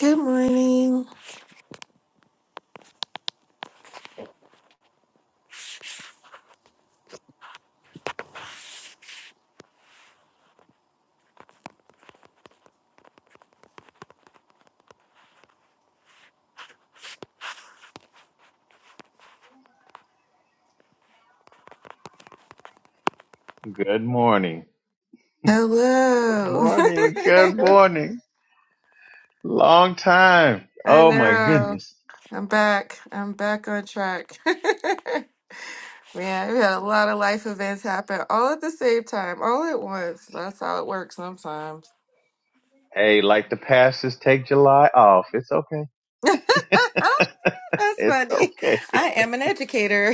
Good morning. Good morning. Good Hello. morning. Good morning. Long time. I Oh my know. goodness. I'm back. I'm back on track. Man, we had a lot of life events happen all at the same time, all at once. That's how it works sometimes. Hey, like the pastors take July off. It's okay. That's It's funny. okay. I am an educator.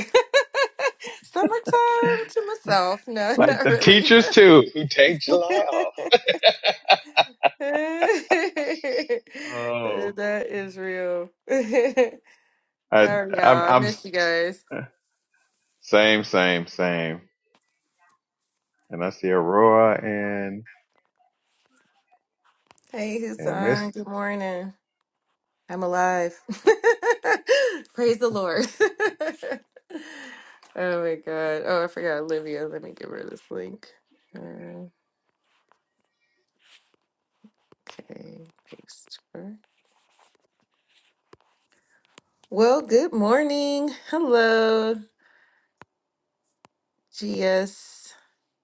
Summertime to myself. No, Like not the really. teachers too, who take July off. Oh, that is real. How I, are I'm, y'all? I I'm miss you guys. same, same, same. And I see Aurora and Hey, and Miss. Hassan. Good morning. I'm alive. Praise the Lord. oh my God. Oh, I forgot Olivia. Let me give her this link. Okay, paste her. Well, good morning. Hello, GS.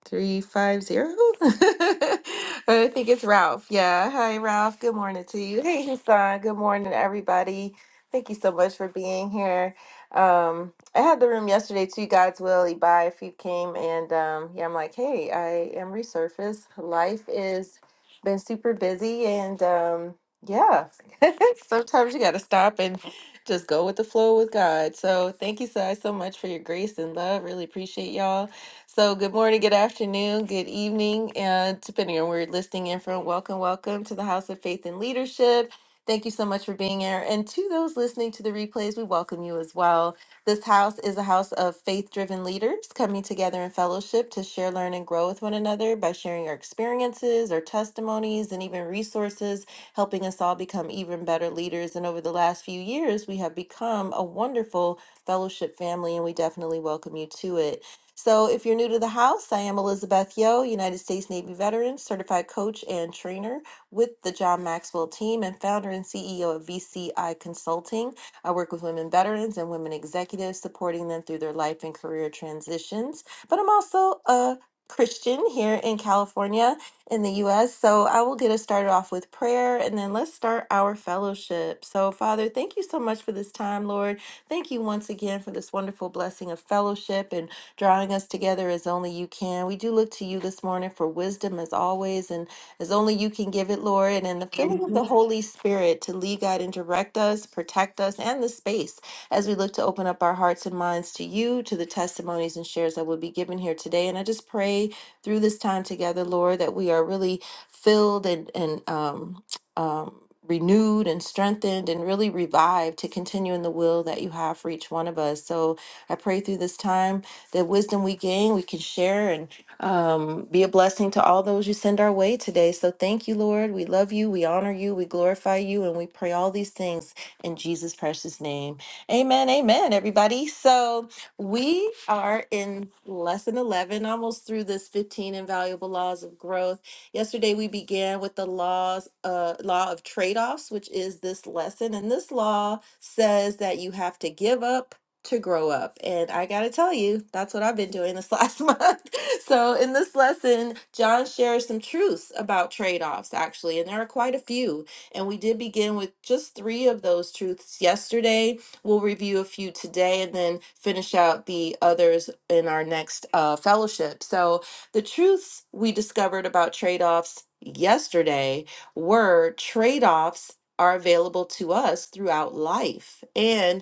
Three five zero. I think it's Ralph. Yeah. Hi, Ralph. Good morning to you. Hey, Hassan. Good morning, everybody. Thank you so much for being here. Um, I had the room yesterday too. God's will, Ebi, if you came, and um, yeah, I'm like, hey, I am resurfaced. Life is been super busy, and um, yeah, sometimes you got to stop and just go with the flow with God. So thank you guys so much for your grace and love. Really appreciate y'all. So, good morning, good afternoon, good evening, and depending on where you're listening in from, welcome, welcome to the House of Faith and Leadership. Thank you so much for being here. And to those listening to the replays, we welcome you as well. This house is a house of faith driven leaders coming together in fellowship to share, learn, and grow with one another by sharing our experiences, our testimonies, and even resources, helping us all become even better leaders. And over the last few years, we have become a wonderful fellowship family, and we definitely welcome you to it. So, if you're new to the house, I am Elizabeth Yo, United States Navy veteran, certified coach and trainer with the John Maxwell team, and founder and CEO of VCI Consulting. I work with women veterans and women executives, supporting them through their life and career transitions. But I'm also a Christian here in California in the US. So I will get us started off with prayer and then let's start our fellowship. So, Father, thank you so much for this time, Lord. Thank you once again for this wonderful blessing of fellowship. and drawing us together as only you can. We do look to you this morning for wisdom as always, and as only you can give it, Lord, and in the filling of the Holy Spirit to lead, guide, and direct us, protect us, and the space as we look to open up our hearts and minds to you, to the testimonies and shares that will be given here today. And I just pray through this time together, Lord, that we are really filled and, and, um, um, renewed and strengthened and really revived to continue in the will that you have for each one of us. So I pray through this time the wisdom we gain, we can share and um, be a blessing to all those you send our way today. So thank you, Lord. We love you. We honor you. We glorify you. And we pray all these things in Jesus' precious name. Amen. Amen, everybody. So we are in lesson 11, almost through this 15 invaluable laws of growth. Yesterday, we began with the laws, uh, law of trade offs, which is this lesson. And this law says that you have to give up to grow up. And I got to tell you, that's what I've been doing this last month. So, in this lesson, John shares some truths about trade offs, actually, and there are quite a few. And we did begin with just three of those truths yesterday. We'll review a few today and then finish out the others in our next uh, fellowship. So, the truths we discovered about trade offs yesterday were trade offs are available to us throughout life. And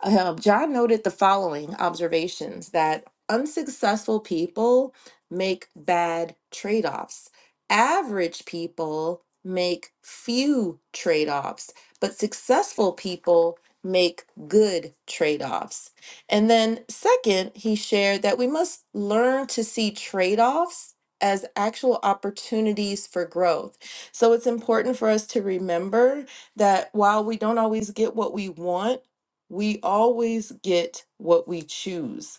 um, John noted the following observations that unsuccessful people make bad trade offs, average people make few trade offs, but successful people make good trade offs. And then, second, he shared that we must learn to see trade offs. As actual opportunities for growth. So it's important for us to remember that while we don't always get what we want, we always get what we choose.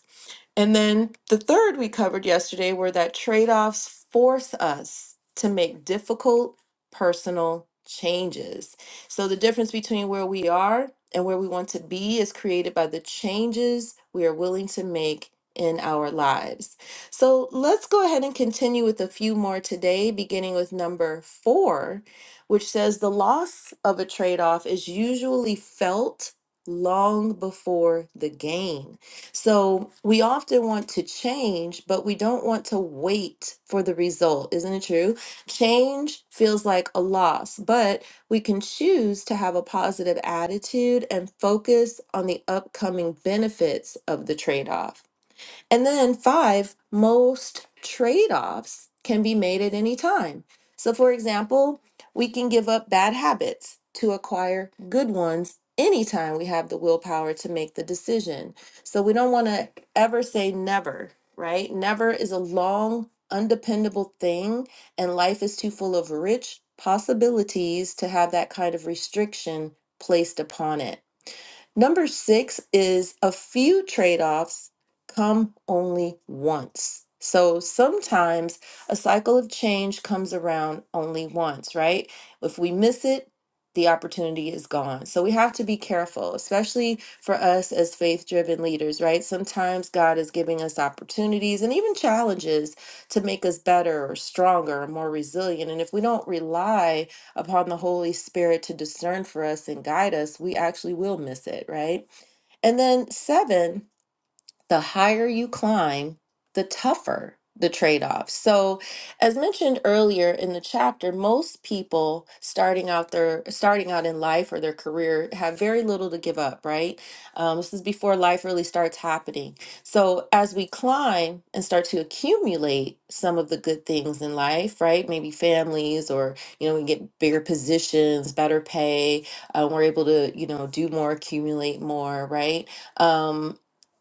And then the third we covered yesterday were that trade offs force us to make difficult personal changes. So the difference between where we are and where we want to be is created by the changes we are willing to make in our lives. So let's go ahead and continue with a few more today, beginning with number four, which says the loss of a trade off is usually felt long before the gain. So we often want to change, but we don't want to wait for the result. Isn't it true? Change feels like a loss, but we can choose to have a positive attitude and focus on the upcoming benefits of the trade off. And then five, most trade-offs can be made at any time. So for example, we can give up bad habits to acquire good ones anytime we have the willpower to make the decision. So we don't want to ever say never, right? Never is a long, undependable thing, and life is too full of rich possibilities to have that kind of restriction placed upon it. Number six is a few trade offs come only once. So sometimes a cycle of change comes around only once, right? If we miss it, the opportunity is gone. So we have to be careful, especially for us as faith driven leaders, right? Sometimes God is giving us opportunities and even challenges to make us better or stronger or more resilient. And if we don't rely upon the Holy Spirit to discern for us and guide us, we actually will miss it, right? And then seven, the higher you climb, the tougher the trade off. So, as mentioned earlier in the chapter, most people starting out their starting out in life or their career have very little to give up, right? Um, this is before life really starts happening. So, as we climb and start to accumulate some of the good things in life, right? Maybe families, or you know, we get bigger positions, better pay, uh, we're able to you know do more, accumulate more, right? Um,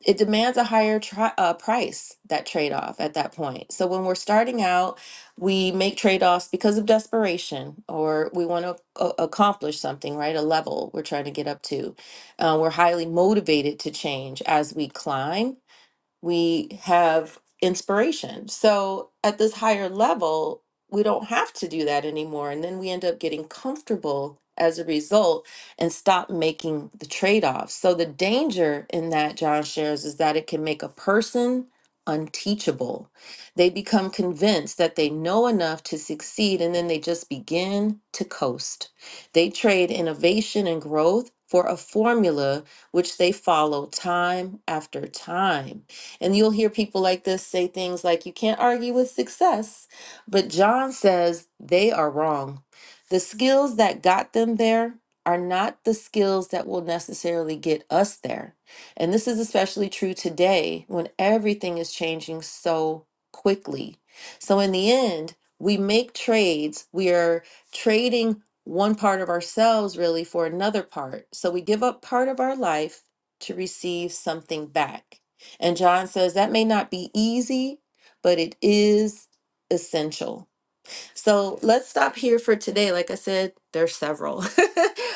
it demands a higher tri- uh, price that trade-off at that point so when we're starting out we make trade-offs because of desperation or we want to a- accomplish something right a level we're trying to get up to uh, we're highly motivated to change as we climb we have inspiration. So at this higher level, we don't have to do that anymore. And then we end up getting comfortable as a result and stop making the trade offs. So the danger in that, John shares, is that it can make a person unteachable. They become convinced that they know enough to succeed and then they just begin to coast. They trade innovation and growth for a formula which they follow time after time. And you'll hear people like this say things like, you can't argue with success. But John says they are wrong. The skills that got them there are not the skills that will necessarily get us there. And this is especially true today when everything is changing so quickly. So, in the end, we make trades. We are trading one part of ourselves really for another part. So, we give up part of our life to receive something back. And John says that may not be easy, but it is essential. So let's stop here for today. Like I said, there's several,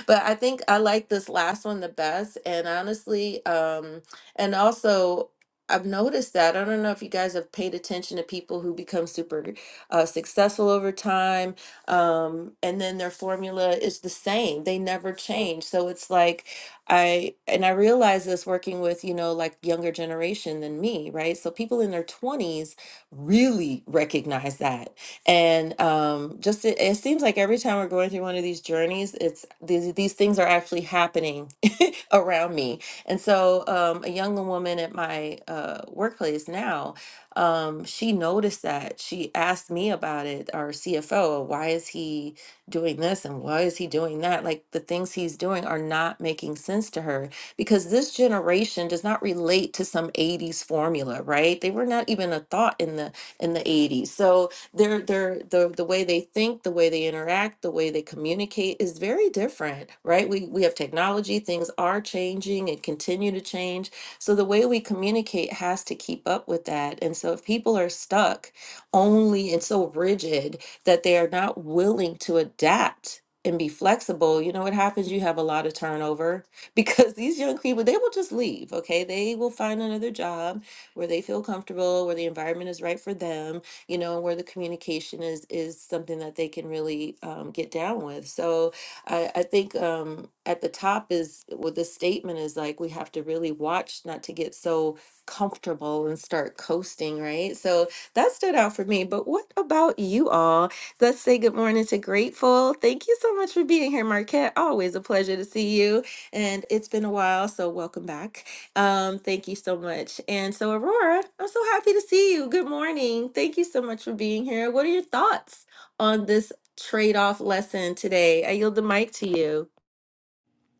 but I think I like this last one the best. And honestly, um, and also I've noticed that I don't know if you guys have paid attention to people who become super uh, successful over time, um, and then their formula is the same. They never change. So it's like I and I realize this working with you know like younger generation than me, right? So people in their twenties really recognize that and um, just it, it seems like every time we're going through one of these journeys, it's these these things are actually happening around me. And so um, a young woman at my uh, workplace now, um, she noticed that. She asked me about it, our CFO, why is he doing this and why is he doing that? Like the things he's doing are not making sense to her because this generation does not relate to some 80s formula, right? They were not even a thought in the in the 80s. So their their the the way they think, the way they interact, the way they communicate is very different, right? We we have technology, things are changing and continue to change. So the way we communicate has to keep up with that. And so if people are stuck only and so rigid that they are not willing to adapt and be flexible, you know what happens? You have a lot of turnover because these young people, they will just leave, okay? They will find another job where they feel comfortable, where the environment is right for them you know, where the communication is is something that they can really um, get down with. So I, I think um, at the top is well, the statement is like we have to really watch not to get so comfortable and start coasting, right? So that stood out for me. But what about you all? Let's say good morning to Grateful. Thank you so much for being here, Marquette. Always a pleasure to see you. And it's been a while, so welcome back. Um, thank you so much. And so, Aurora, I'm so happy to see you. Good morning. Thank you so much for being here. What are your thoughts on this trade off lesson today? I yield the mic to you.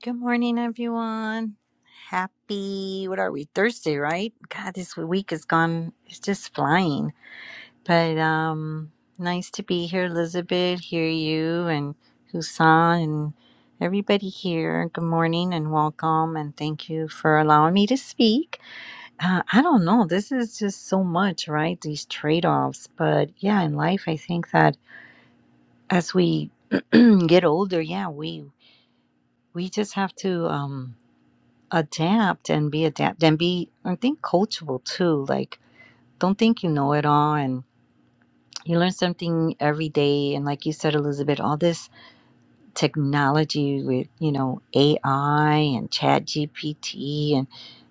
Good morning, everyone. Happy, what are we, Thursday, right? God, this week is gone, it's just flying. But um nice to be here, Elizabeth, hear you and Husan and everybody here. Good morning and welcome and thank you for allowing me to speak. Uh, I don't know, this is just so much, right? These trade-offs. But yeah, in life, I think that as we get older, yeah, we we just have to um adapt and be adapt and be I think coachable too. Like don't think you know it all and you learn something every day and like you said Elizabeth, all this technology with, you know, AI and chat GPT and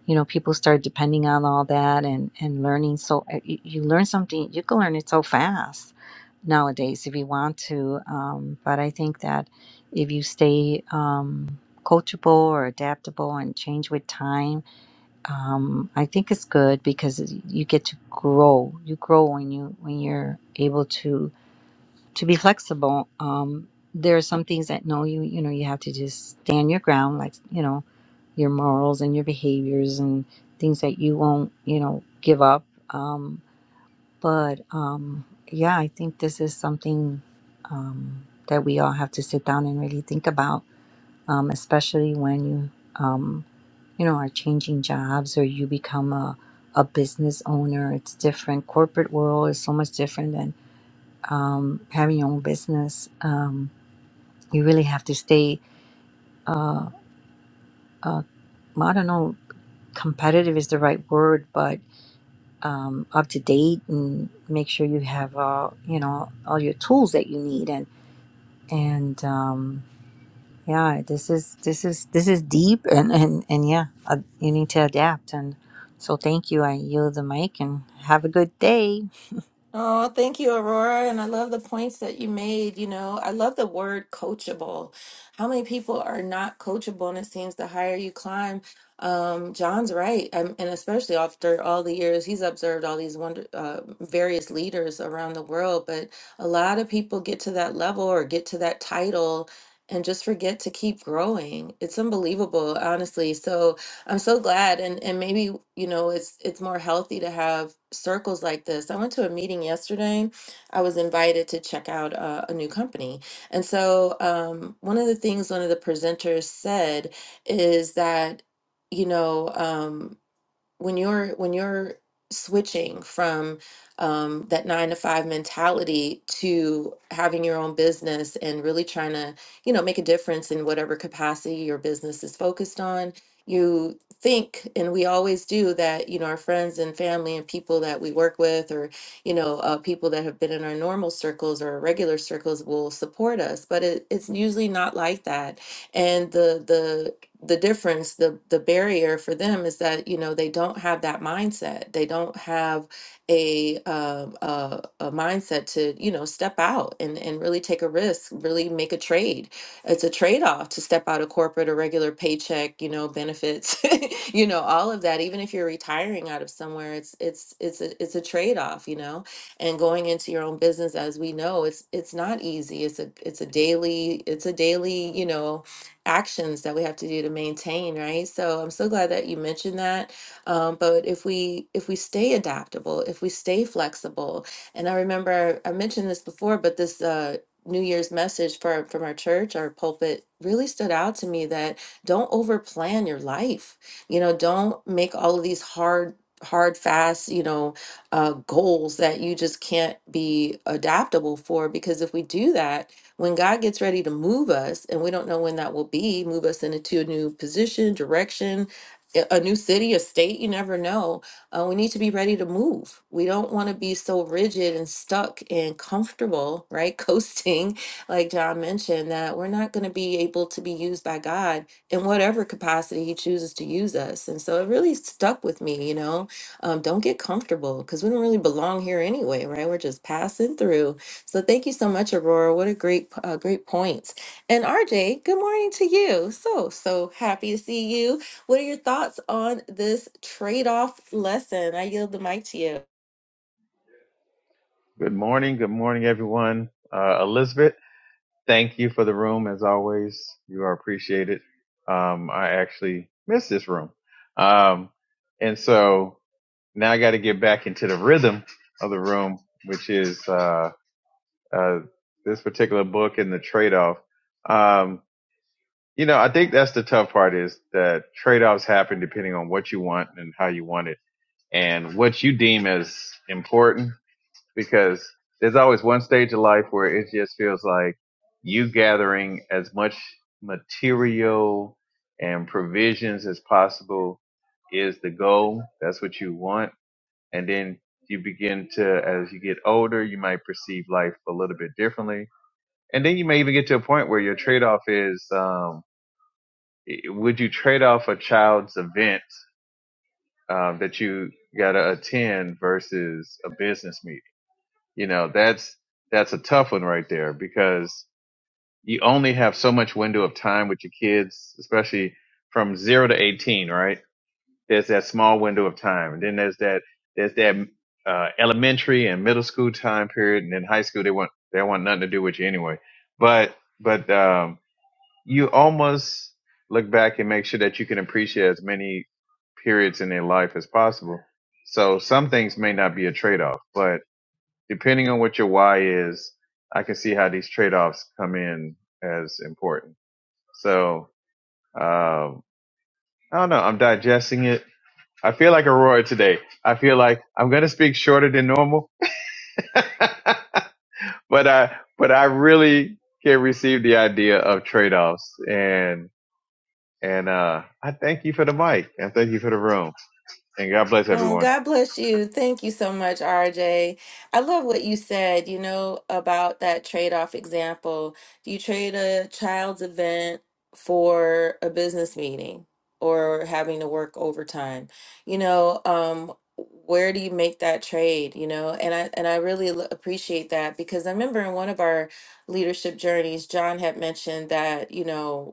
you know, people start depending on all that and, and learning so uh, you, you learn something you can learn it so fast nowadays if you want to. Um, but I think that if you stay um, coachable or adaptable and change with time um, I think it's good because you get to grow. You grow when you when you're able to to be flexible. Um, there are some things that no, you you know you have to just stand your ground, like you know your morals and your behaviors and things that you won't you know give up. Um, but um, yeah, I think this is something um, that we all have to sit down and really think about, um, especially when you. um, you know, are changing jobs or you become a, a business owner. It's different. Corporate world is so much different than um, having your own business. Um, you really have to stay, I don't know, competitive is the right word, but um, up to date and make sure you have, uh, you know, all your tools that you need. And, and, um, yeah, this is, this is, this is deep and, and, and yeah, uh, you need to adapt. And so thank you. I yield the mic and have a good day. Oh, thank you, Aurora. And I love the points that you made. You know, I love the word coachable. How many people are not coachable? And it seems the higher you climb, um, John's right. Um and especially after all the years he's observed all these wonder, uh, various leaders around the world. But a lot of people get to that level or get to that title and just forget to keep growing. It's unbelievable, honestly. So, I'm so glad and and maybe you know it's it's more healthy to have circles like this. I went to a meeting yesterday. I was invited to check out uh, a new company. And so um one of the things one of the presenters said is that you know um when you're when you're switching from um, that nine to five mentality to having your own business and really trying to you know make a difference in whatever capacity your business is focused on you think and we always do that you know our friends and family and people that we work with or you know uh, people that have been in our normal circles or our regular circles will support us but it, it's usually not like that and the the difference the the barrier for them is that you know they don't have that mindset they don't have a um a, a mindset to you know step out and and really take a risk really make a trade it's a trade-off to step out of corporate or regular paycheck you know benefits you know all of that even if you're retiring out of somewhere it's it's it's a, it's a trade-off you know and going into your own business as we know it's it's not easy it's a it's a daily it's a daily you know actions that we have to do to maintain right so i'm so glad that you mentioned that um, but if we if we stay adaptable if we stay flexible and i remember i mentioned this before but this uh, new year's message for, from our church our pulpit really stood out to me that don't overplan your life you know don't make all of these hard hard fast you know uh, goals that you just can't be adaptable for because if we do that when God gets ready to move us, and we don't know when that will be, move us into a new position, direction, a a new city, a state, you never know. Uh, we need to be ready to move. We don't want to be so rigid and stuck and comfortable, right? Coasting, like John mentioned, that we're not going to be able to be used by God in whatever capacity He chooses to use us. And so it really stuck with me, you know. Um, don't get comfortable because we don't really belong here anyway, right? We're just passing through so thank you so much, Aurora. What a great, uh, great point. And RJ, good morning to you. So, so happy to see you. What are your thoughts on this trade-off lesson? I yield the mic to you. Good morning. Good morning, everyone. Uh, Elizabeth. Thank you for the room as always. You are appreciated. Um, I actually miss this room. Um, and so now I got to get back into the rhythm of the room, which is, uh, uh, this particular book and the trade off. Um, you know, I think that's the tough part is that trade offs happen depending on what you want and how you want it and what you deem as important because there's always one stage of life where it just feels like you gathering as much material and provisions as possible is the goal. That's what you want. And then you begin to, as you get older, you might perceive life a little bit differently. And then you may even get to a point where your trade off is, um, i- would you trade off a child's event, um, that you gotta attend versus a business meeting? You know, that's that's a tough one right there because you only have so much window of time with your kids, especially from zero to eighteen, right? There's that small window of time, and then there's that there's that uh, elementary and middle school time period, and then high school they want they want nothing to do with you anyway. But but um, you almost look back and make sure that you can appreciate as many periods in their life as possible. So some things may not be a trade off, but depending on what your why is, I can see how these trade-offs come in as important. So, um, I don't know. I'm digesting it. I feel like Aurora today. I feel like I'm going to speak shorter than normal, but I, but I really can receive the idea of trade-offs and, and, uh, I thank you for the mic and thank you for the room and God bless Oh, everyone. God bless you. Thank you so much, RJ. I love what you said, you know, about that trade-off example. Do you trade a child's event for a business meeting or having to work overtime? You know, um, where do you make that trade, you know? And I and I really l- appreciate that because I remember in one of our leadership journeys, John had mentioned that, you know,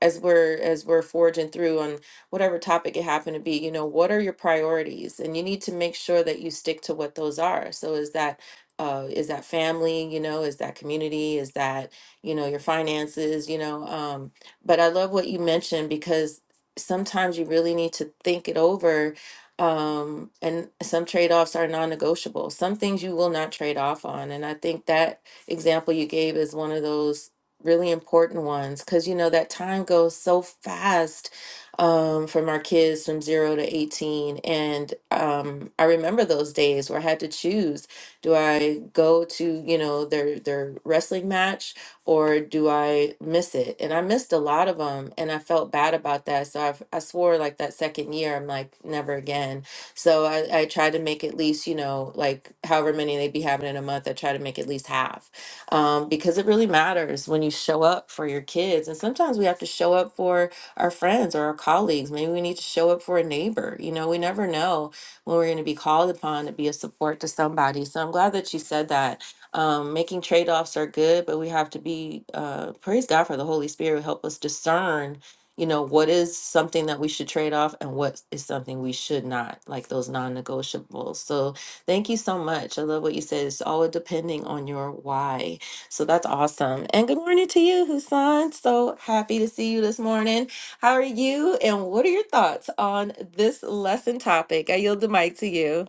as we're as we're forging through on whatever topic it happened to be you know what are your priorities and you need to make sure that you stick to what those are so is that uh, is that family you know is that community is that you know your finances you know um, but i love what you mentioned because sometimes you really need to think it over um, and some trade-offs are non-negotiable some things you will not trade off on and i think that example you gave is one of those really important ones because you know that time goes so fast um, from our kids from zero to 18 and um, i remember those days where i had to choose do i go to you know their their wrestling match or do i miss it and i missed a lot of them and i felt bad about that so I've, i swore like that second year i'm like never again so I, I tried to make at least you know like however many they'd be having in a month i tried to make at least half um, because it really matters when you show up for your kids. And sometimes we have to show up for our friends or our colleagues. Maybe we need to show up for a neighbor. You know, we never know when we're going to be called upon to be a support to somebody. So I'm glad that you said that. Um, making trade offs are good, but we have to be, uh, praise God for the Holy Spirit who help us discern. You know, what is something that we should trade off and what is something we should not, like those non negotiables. So, Thank you so much. I love what you said. It's all depending on your why. So that's awesome. And good morning to you, Husan. So happy to see you this morning. How are you? And what are your thoughts on this lesson topic? I yield the mic to you.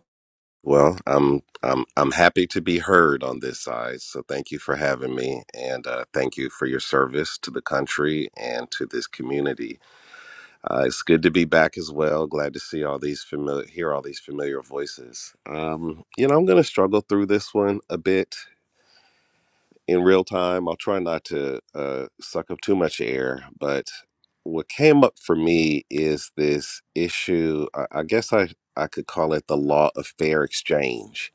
Well, I'm I'm I'm happy to be heard on this side. So thank you for having me, and uh, thank you for your service to the country and to this community. Uh, it's good to be back as well. Glad to see all these familiar, hear all these familiar voices. Um, you know, I'm going to struggle through this one a bit in real time. I'll try not to uh, suck up too much air, but what came up for me is this issue. I, I guess I I could call it the law of fair exchange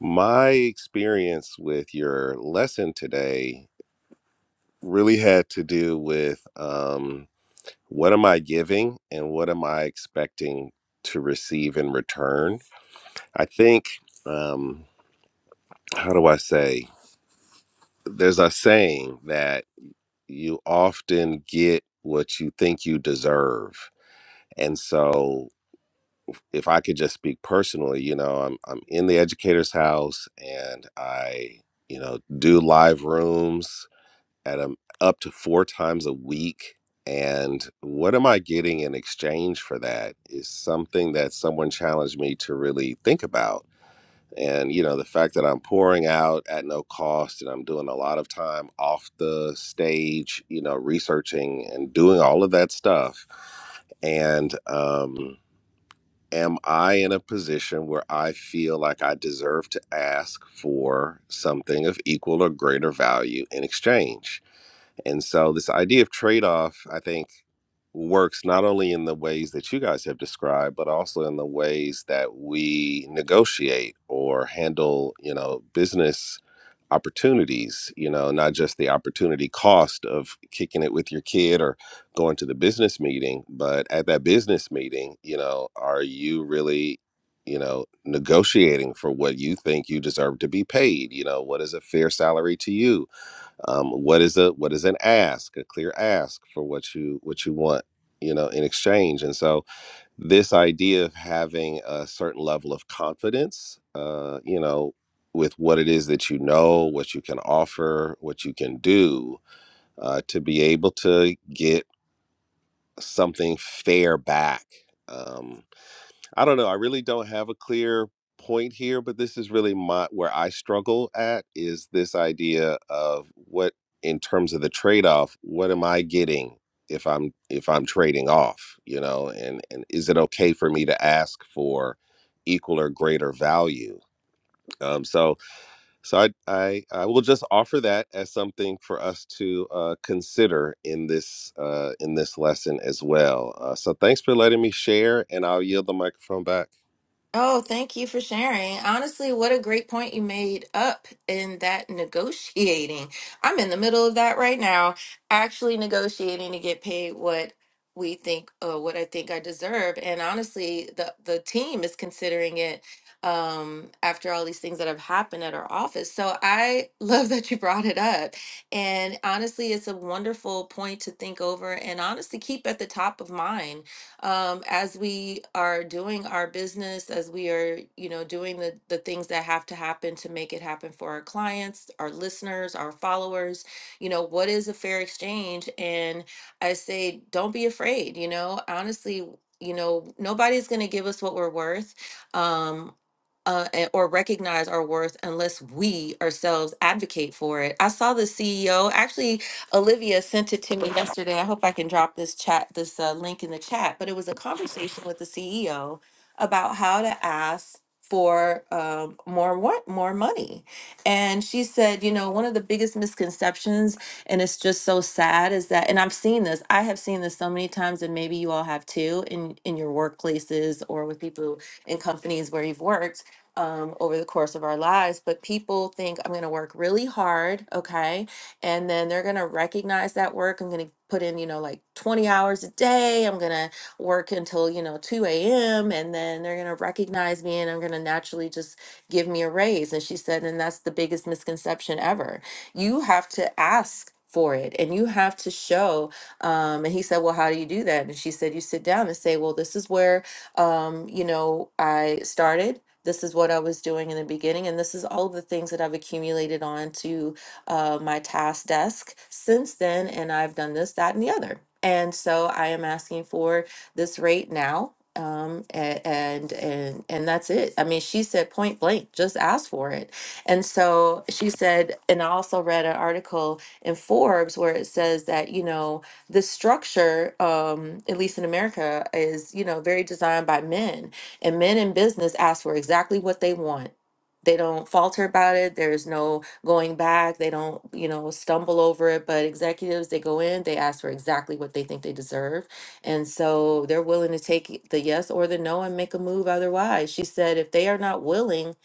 my experience with your lesson today really had to do with um, what am I giving and what am I expecting to receive in return. I think, um, how do I say, there's a saying that you often get what you think you deserve. And so, if I could just speak personally, you know, I'm, I'm in the educator's house and I, you know, do live rooms at a, up to four times a week. And what am I getting in exchange for that is something that someone challenged me to really think about. And, you know, the fact that I'm pouring out at no cost and I'm doing a lot of time off the stage, you know, researching and doing all of that stuff. And, um, am I in a position where I feel like I deserve to ask for something of equal or greater value in exchange? And so, this idea of trade off, I think, works not only in the ways that you guys have described, but also in the ways that we negotiate or handle, you know, business opportunities, you know, not just the opportunity cost of kicking it with your kid or going to the business meeting, but at that business meeting, you know, are you really, you know, negotiating for what you think you deserve to be paid? You know, what is a fair salary to you? um, what is a what is an ask a clear ask for what you what you want you know in exchange and so this idea of having a certain level of confidence uh, you know with what it is that you know what you can offer what you can do uh, to be able to get something fair back Um, I don't know. I really don't have a clear point here, but this is really my where I struggle at is this idea of what in terms of the trade-off, what am I getting if I'm if I'm trading off, you know, and and is it okay for me to ask for equal or greater value? Um so so I I, I will just offer that as something for us to uh consider in this uh in this lesson as well. Uh, so thanks for letting me share and I'll yield the microphone back. Oh, thank you for sharing. Honestly, what a great point you made up in that negotiating. I'm in the middle of that right now, actually negotiating to get paid what we think uh, what I think I deserve. And honestly, the the team is considering it um after all these things that have happened at our office. So I love that you brought it up. And honestly, it's a wonderful point to think over and honestly keep at the top of mind um, as we are doing our business, as we are, you know, doing the, the things that have to happen to make it happen for our clients, our listeners, our followers, you know, what is a fair exchange? And I say, don't be afraid, you know, honestly, you know, nobody's going to give us what we're worth. Um, uh, a- or recognize our worth unless we ourselves advocate for it. I saw the CEO actually. Olivia sent it to me yesterday. I hope I can drop this chat this uh, link in the chat. But it was a conversation with the CEO about how to ask for um, more what more money and she said you know one of the biggest misconceptions and it's just so sad is that and i've seen this i have seen this so many times and maybe you all have too in in your workplaces or with people in companies where you've worked um, over the course of our lives. But people think I'm going to work really hard, okay? And then they're going to recognize that work. I'm going to put in, you know, like 20 hours a day. I'm going to work until, you know, 2 a.m. And then they're going to recognize me and I'm going to naturally just give me a raise. And she said, and that's the biggest misconception ever. You have to ask. For it, and you have to show. Um, and he said, "Well, how do you do that?" And she said, "You sit down and say, well, this is where um, you know, I started this is what I was doing in the beginning, and this is all the things that I've accumulated onto uh, my task desk since then. And I've done this, that, and the other. And so I am asking for this rate now. Um, a- and and and that's it. I mean, she said point blank, just ask for it. And so she said, and I also read an article in Forbes where it says that, you know, the structure, um, at least in America, is, you know, very designed by men and men in business ask for exactly what they want. They don't falter about it. There's no going back. They don't, you know, stumble over it. But executives, they go in, they ask for exactly what they think they deserve. And so they're willing to take the yes or the no and make a move otherwise. She said, if they are not willing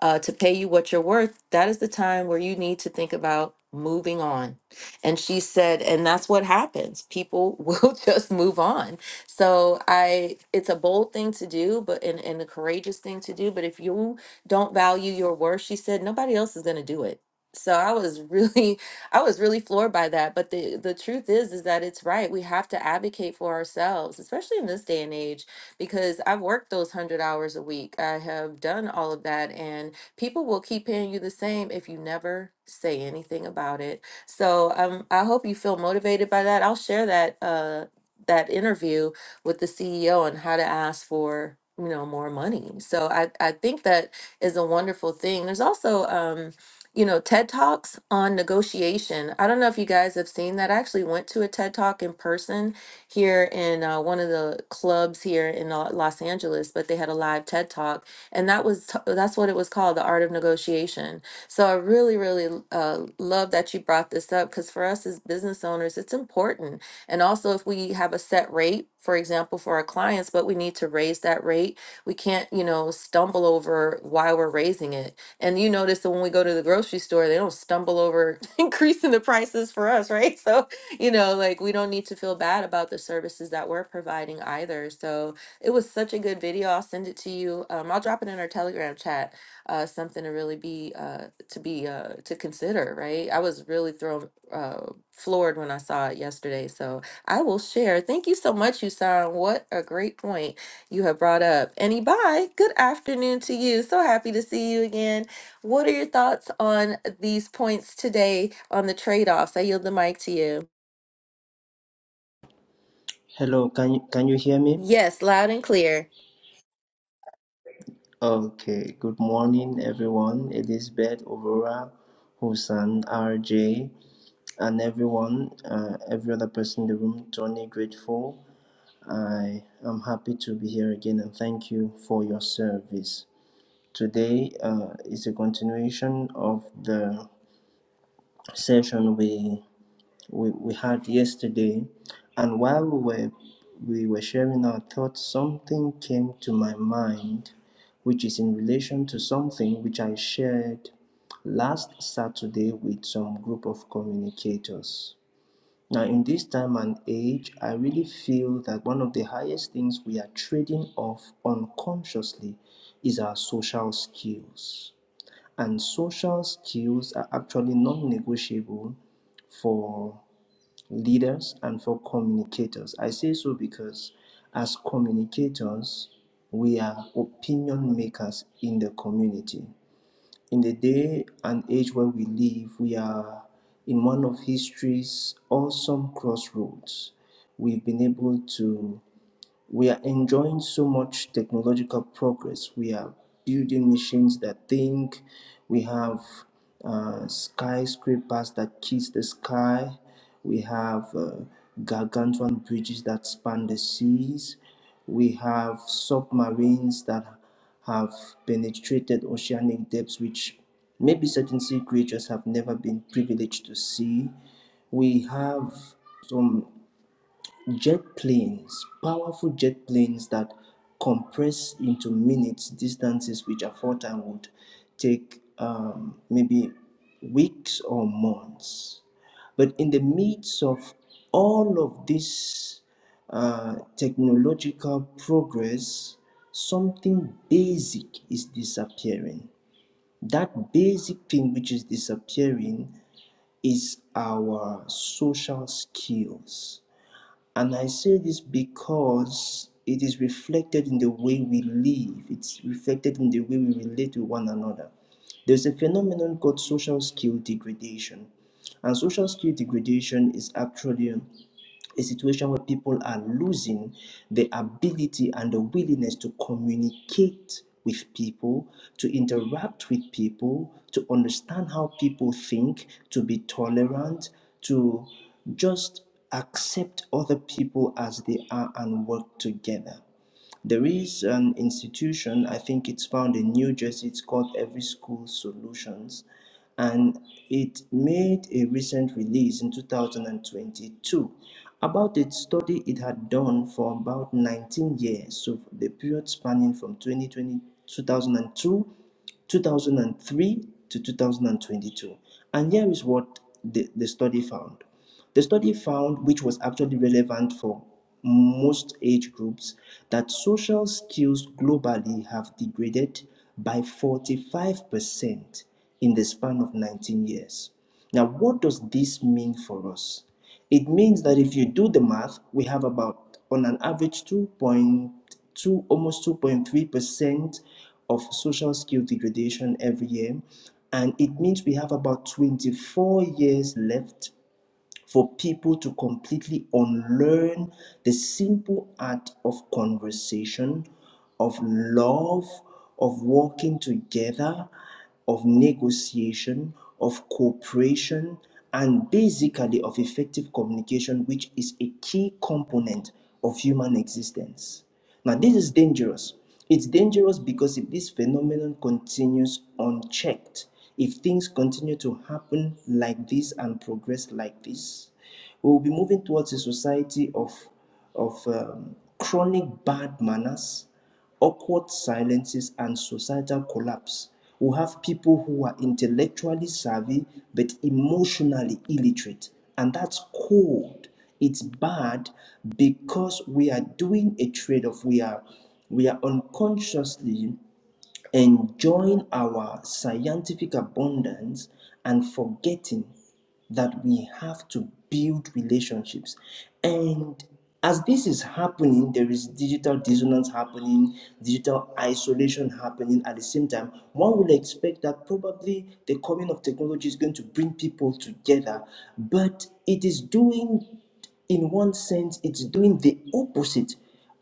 uh, to pay you what you're worth, that is the time where you need to think about moving on. And she said, and that's what happens. People will just move on so I it's a bold thing to do, but and, and a courageous thing to do. But if you don't value your worth, she said, nobody else is gonna do it. So I was really I was really floored by that. But the the truth is is that it's right. We have to advocate for ourselves, especially in this day and age, because I've worked those hundred hours a week. I have done all of that and people will keep paying you the same if you never say anything about it. So um I hope you feel motivated by that. I'll share that uh that interview with the CEO and how to ask for you know more money. So I I think that is a wonderful thing. There's also um you know TED Talks on negotiation. I don't know if you guys have seen that. I actually went to a TED Talk in person here in uh, one of the clubs here in uh, Los Angeles, but they had a live TED Talk and that was t- that's what it was called, The Art of Negotiation. So I really, really uh, love that you brought this up because for us as business owners, it's important and also, if we have a set rate, for example, for our clients, but we need to raise that rate, we can't, you know, stumble over why we're raising it. And you notice that when we go to the grocery store, they don't stumble over increasing the prices for us, right? So, you know, like we don't need to feel bad about the services that we're providing either. So, it was such a good video. I'll send it to you. Um, I'll drop it in our Telegram chat. Uh, something to really be uh, to be uh, to consider, right? I was really thrown uh, floored when I saw it yesterday. So, I will share. Thank you so much, Husain. What a great point you have brought up. And Ibai, good afternoon to you. So happy to see you again. What are your thoughts on these points today on the trade offs? I yield the mic to you. Hello, can you, can you hear me? Yes, loud and clear. Okay, good morning everyone. Elizabeth, Aurora, Hussein, RJ, and everyone, uh, every other person in the room, Tony, grateful. I am happy to be here again and thank you for your service. Today uh, is a continuation of the session we we, we had yesterday and while we were we were sharing our thoughts something came to my mind which is in relation to something which i shared last saturday with some group of communicators now in this time and age i really feel that one of the highest things we are trading off unconsciously is our social skills and social skills are actually non-negotiable for leaders and for communicators. I say so because as communicators, we are opinion makers in the community. In the day and age where we live, we are in one of history's awesome crossroads. We've been able to we are enjoying so much technological progress. We are building machines that think. We have uh, skyscrapers that kiss the sky. We have uh, gargantuan bridges that span the seas. We have submarines that have penetrated oceanic depths, which maybe certain sea creatures have never been privileged to see. We have some jet planes, powerful jet planes that compress into minutes distances which at four time would take um, maybe weeks or months. But in the midst of all of this uh, technological progress, something basic is disappearing. That basic thing which is disappearing is our social skills and I say this because it is reflected in the way we live, it's reflected in the way we relate to one another. There's a phenomenon called social skill degradation. And social skill degradation is actually a situation where people are losing the ability and the willingness to communicate with people, to interact with people, to understand how people think, to be tolerant, to just accept other people as they are and work together. There is an institution, I think it's found in New Jersey, it's called Every School Solutions, and it made a recent release in 2022 about the study it had done for about 19 years, so the period spanning from 2020 2002. 2003 to 2022. And here is what the, the study found. The study found, which was actually relevant for most age groups, that social skills globally have degraded by 45% in the span of 19 years. Now, what does this mean for us? It means that if you do the math, we have about on an average 2.2, almost 2.3% of social skill degradation every year. And it means we have about 24 years left for people to completely unlearn the simple art of conversation, of love, of working together, of negotiation, of cooperation, and basically of effective communication, which is a key component of human existence. Now, this is dangerous it's dangerous because if this phenomenon continues unchecked, if things continue to happen like this and progress like this, we will be moving towards a society of, of um, chronic bad manners, awkward silences, and societal collapse. We'll have people who are intellectually savvy but emotionally illiterate, and that's cold. It's bad because we are doing a trade off. We are we are unconsciously enjoying our scientific abundance and forgetting that we have to build relationships. And as this is happening, there is digital dissonance happening, digital isolation happening at the same time. One would expect that probably the coming of technology is going to bring people together, but it is doing, in one sense, it's doing the opposite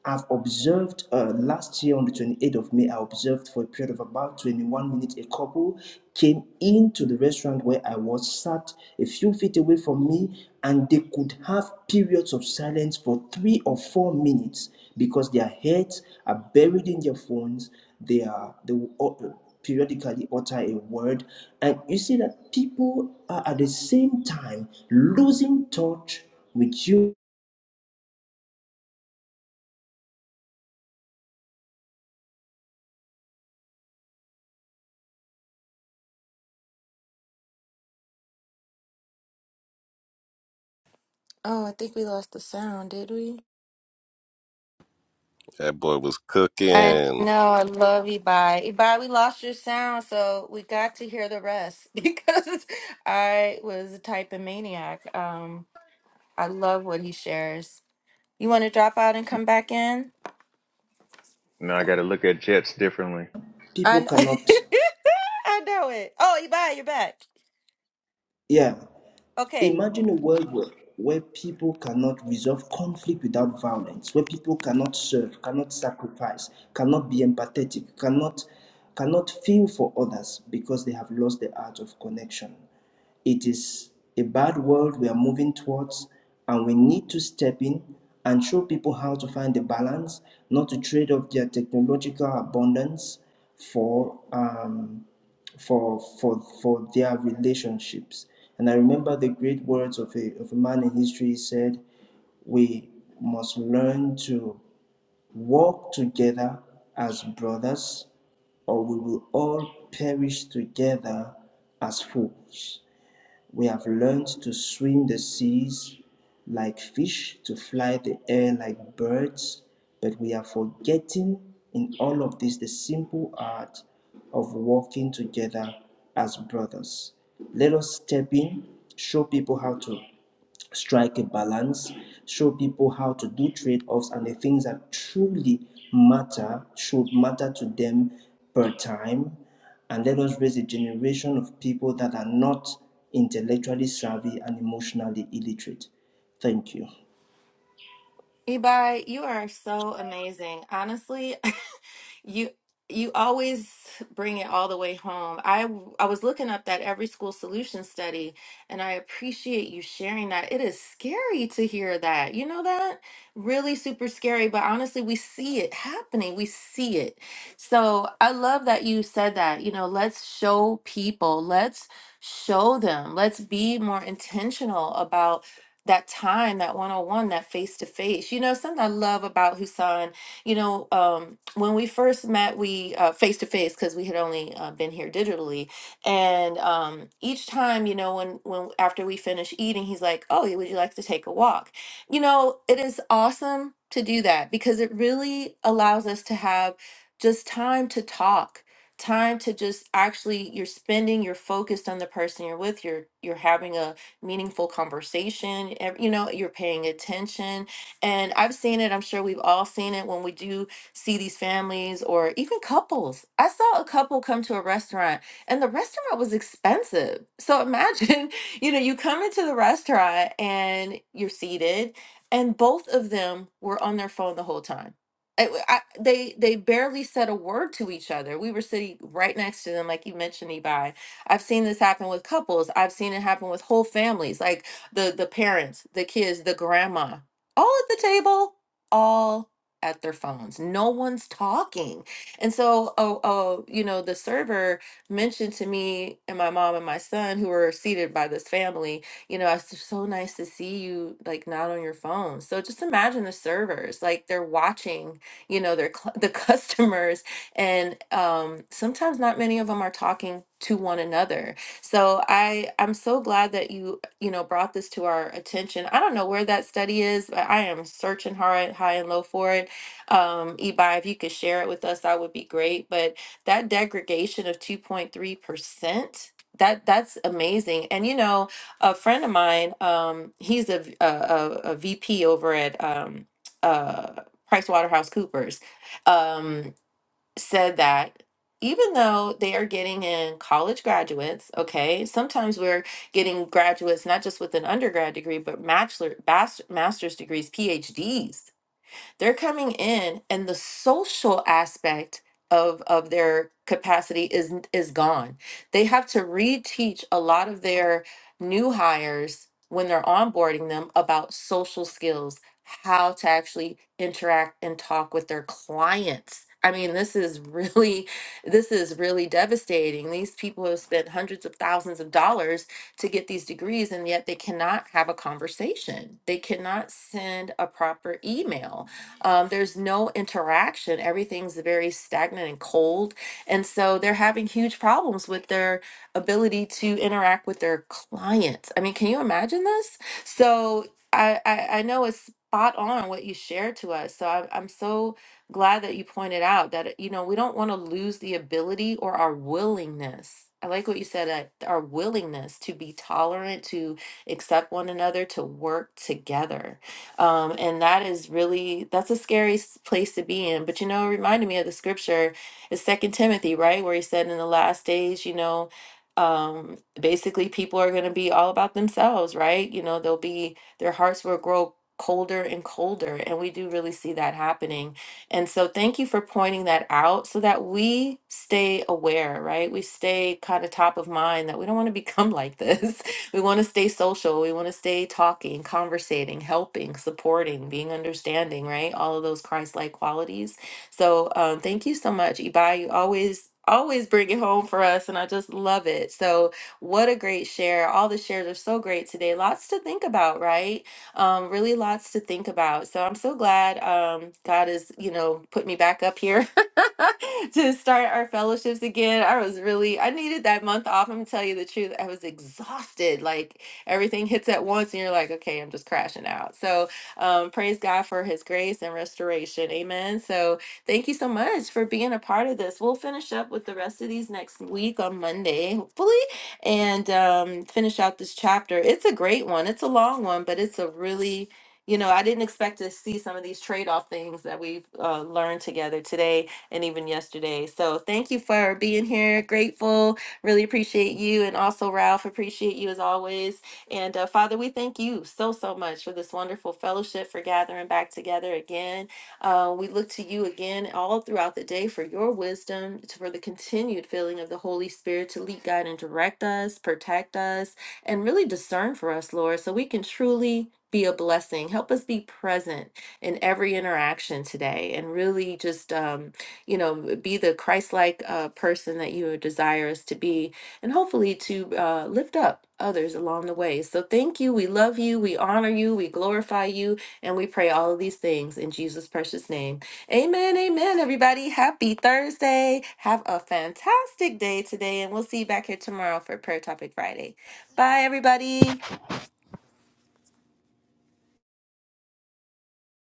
I've observed uh, last year on the 28th of May, I observed for a period of about 21 minutes a couple came into the restaurant where I was sat a few feet away from me, and they could have periods of silence for three or four minutes because their heads are buried in their phones. They are they will au- periodically utter a word, and you see that people are at the same time losing touch with you. Oh, I think we lost the sound, did we? That boy was I cooking. know. I love Ibai. Ibai, we lost your sound, so we got to hear the rest because I was a type of maniac. Um, I love what he shares. You want to drop out and come back in? Now I got to look at jets differently. People I kn- cannot, I know it. Oh, you bye. You're back. yeah Okay. Imagine a world where, where people cannot resolve conflict without violence, where people cannot serve, cannot sacrifice, cannot be empathetic, cannot cannot feel for others because they have lost the art of connection. It is a bad world we are moving towards, and we need to step in and show people how to find the balance, not to trade off their technological abundance for um, for for for their relationships. And I remember the great words of a of a man in history. He said, "We must learn to walk together as brothers, or we will all perish together as fools." We have learned to swim the seas like fish, to fly the air like birds, but we are forgetting in all of this the simple art of walking together as brothers. Let us step in, show people how to strike a balance, show people how to do trade offs and the things that truly matter should matter to them per time. And let us raise a generation of people that are not intellectually savvy and emotionally illiterate. Thank you. Ibai, you are so amazing. Honestly, you you always bring it all the way home. I w- I was looking up that every school solution study, and I appreciate you sharing that. It is scary to hear that. You know that? Really super scary, but honestly, we see it happening. We see it. So, I love that you said that. You know, let's show people. Let's show them. Let's be more intentional about that time, that one on one, that face to face. You know, something I love about Husan, you know, um, when we first met, we face to face because we had only uh, been here digitally. And um, each time, you know, when, when after we finish eating, he's like, Oh, would you like to take a walk? You know, it is awesome to do that because it really allows us to have just time to talk time to just actually you're spending you're focused on the person you're with you're you're having meaningful conversation. ev- You know, you're paying attention. And I've seen it, I'm sure we've all seen it when we do see these families or even couples. I saw a couple come to a restaurant and the restaurant was expensive. So imagine, you know, you come into the restaurant and you're seated and both of them were on their phone the whole time. I, I- they they barely said a word to each other. We were sitting right next to them, like you mentioned, Ibai I've seen this happen with couples. I've seen it happen with whole families, like the the parents, the kids, the grandma, all at the table, all at their phones. No one's talking. And so, oh, oh, you know, the server mentioned to me and my mom and my son who were seated by this family, you know, it's so nice to see you like not on your phone. So just imagine the servers, like they're watching, you know, their cl- the customers and um, sometimes not many of them are talking to one another so i i'm so glad that you you know brought this to our attention i don't know where that study is but i am searching hard high and low for it um ebi if you could share it with us that would be great but that degradation of 2.3 percent that that's amazing and you know a friend of mine um he's a v- a, a- a vp over at um uh price waterhouse coopers Um, said that even though they are getting in college graduates, okay, sometimes we're getting graduates not just with an undergrad degree, but bachelor, bas- master's degrees, PhDs they're coming in and the social aspect of of their capacity is is gone. They have to reteach a lot of their new hires when they're onboarding them about social skills, how to actually interact and talk with their clients. I mean, this is really this is really devastating. These people have spent hundreds of thousands of dollars to get these degrees, and yet they cannot have a conversation. They cannot send a proper email. Um, there's no interaction. Everything's very stagnant and cold. And so they're having huge problems with their ability to interact with their clients. I mean, can you imagine this? So I, I, I know it's spot on what you shared to us. So I'm, I'm so glad that you pointed out that, you know, we don't want to lose the ability or our willingness. I like what you said, that our willingness to be tolerant, to accept one another, to work together um, and that is really that's a scary s- place to be in. But you know, it reminded me of the scripture, it's Second Timothy, right, where he said in the last days, you know, um, basically people are going to be all about themselves, right? You know, they'll be their hearts will grow colder and colder, and we do really see that happening. And so, thank you for pointing that out, so that we stay aware, right? We stay kind of top of mind that we don't want to become like this. we want to stay social. We want to stay talking, conversating, helping, supporting, being understanding, right? All of those Christ like qualities. So um, thank you so much, Ibai. You always, always bring it home for us. And I just love it. So, what a great share. All the shares are so great today. Lots to think about, right? Um, really lots to think about. So, I'm so glad um, God has, you know, put me back up here to start our fellowships again. I was really, I needed that month off. I'm gonna tell you the truth. I was exhausted. Like everything hits at once, and you're like, okay, I'm just crashing out. So, um, praise God for his grace and restoration. Amen. So, thank you so much for being a part of this. We'll finish up with the rest of these next week on Monday, hopefully, and um, finish out this chapter. It's a great one, it's a long one, but it's a really you know, I didn't expect to see some of these trade off things that we've uh, learned together today and even yesterday. So thank you for being here. Grateful. Really appreciate you. And also, Ralph, appreciate you as always. And uh, Father, we thank you so, so much for this wonderful fellowship, for gathering back together again. Uh, we look to you again all throughout the day for your wisdom, to- for the continued filling of the Holy Spirit to lead, guide, and direct us, protect us, and really discern for us, Lord, so we can truly be a blessing. Help us be present in every interaction today and really just. Um, you know, be the Christ-like uh, person that you desire us to be, and hopefully to uh, lift up others along the way. So thank you. We love you. We honor you. We glorify you. And we pray all of these things in Jesus' precious name. Amen. Amen, everybody. Happy Thursday. Have a fantastic day today. And we'll see you back here tomorrow for Prayer Topic Friday. Bye, everybody.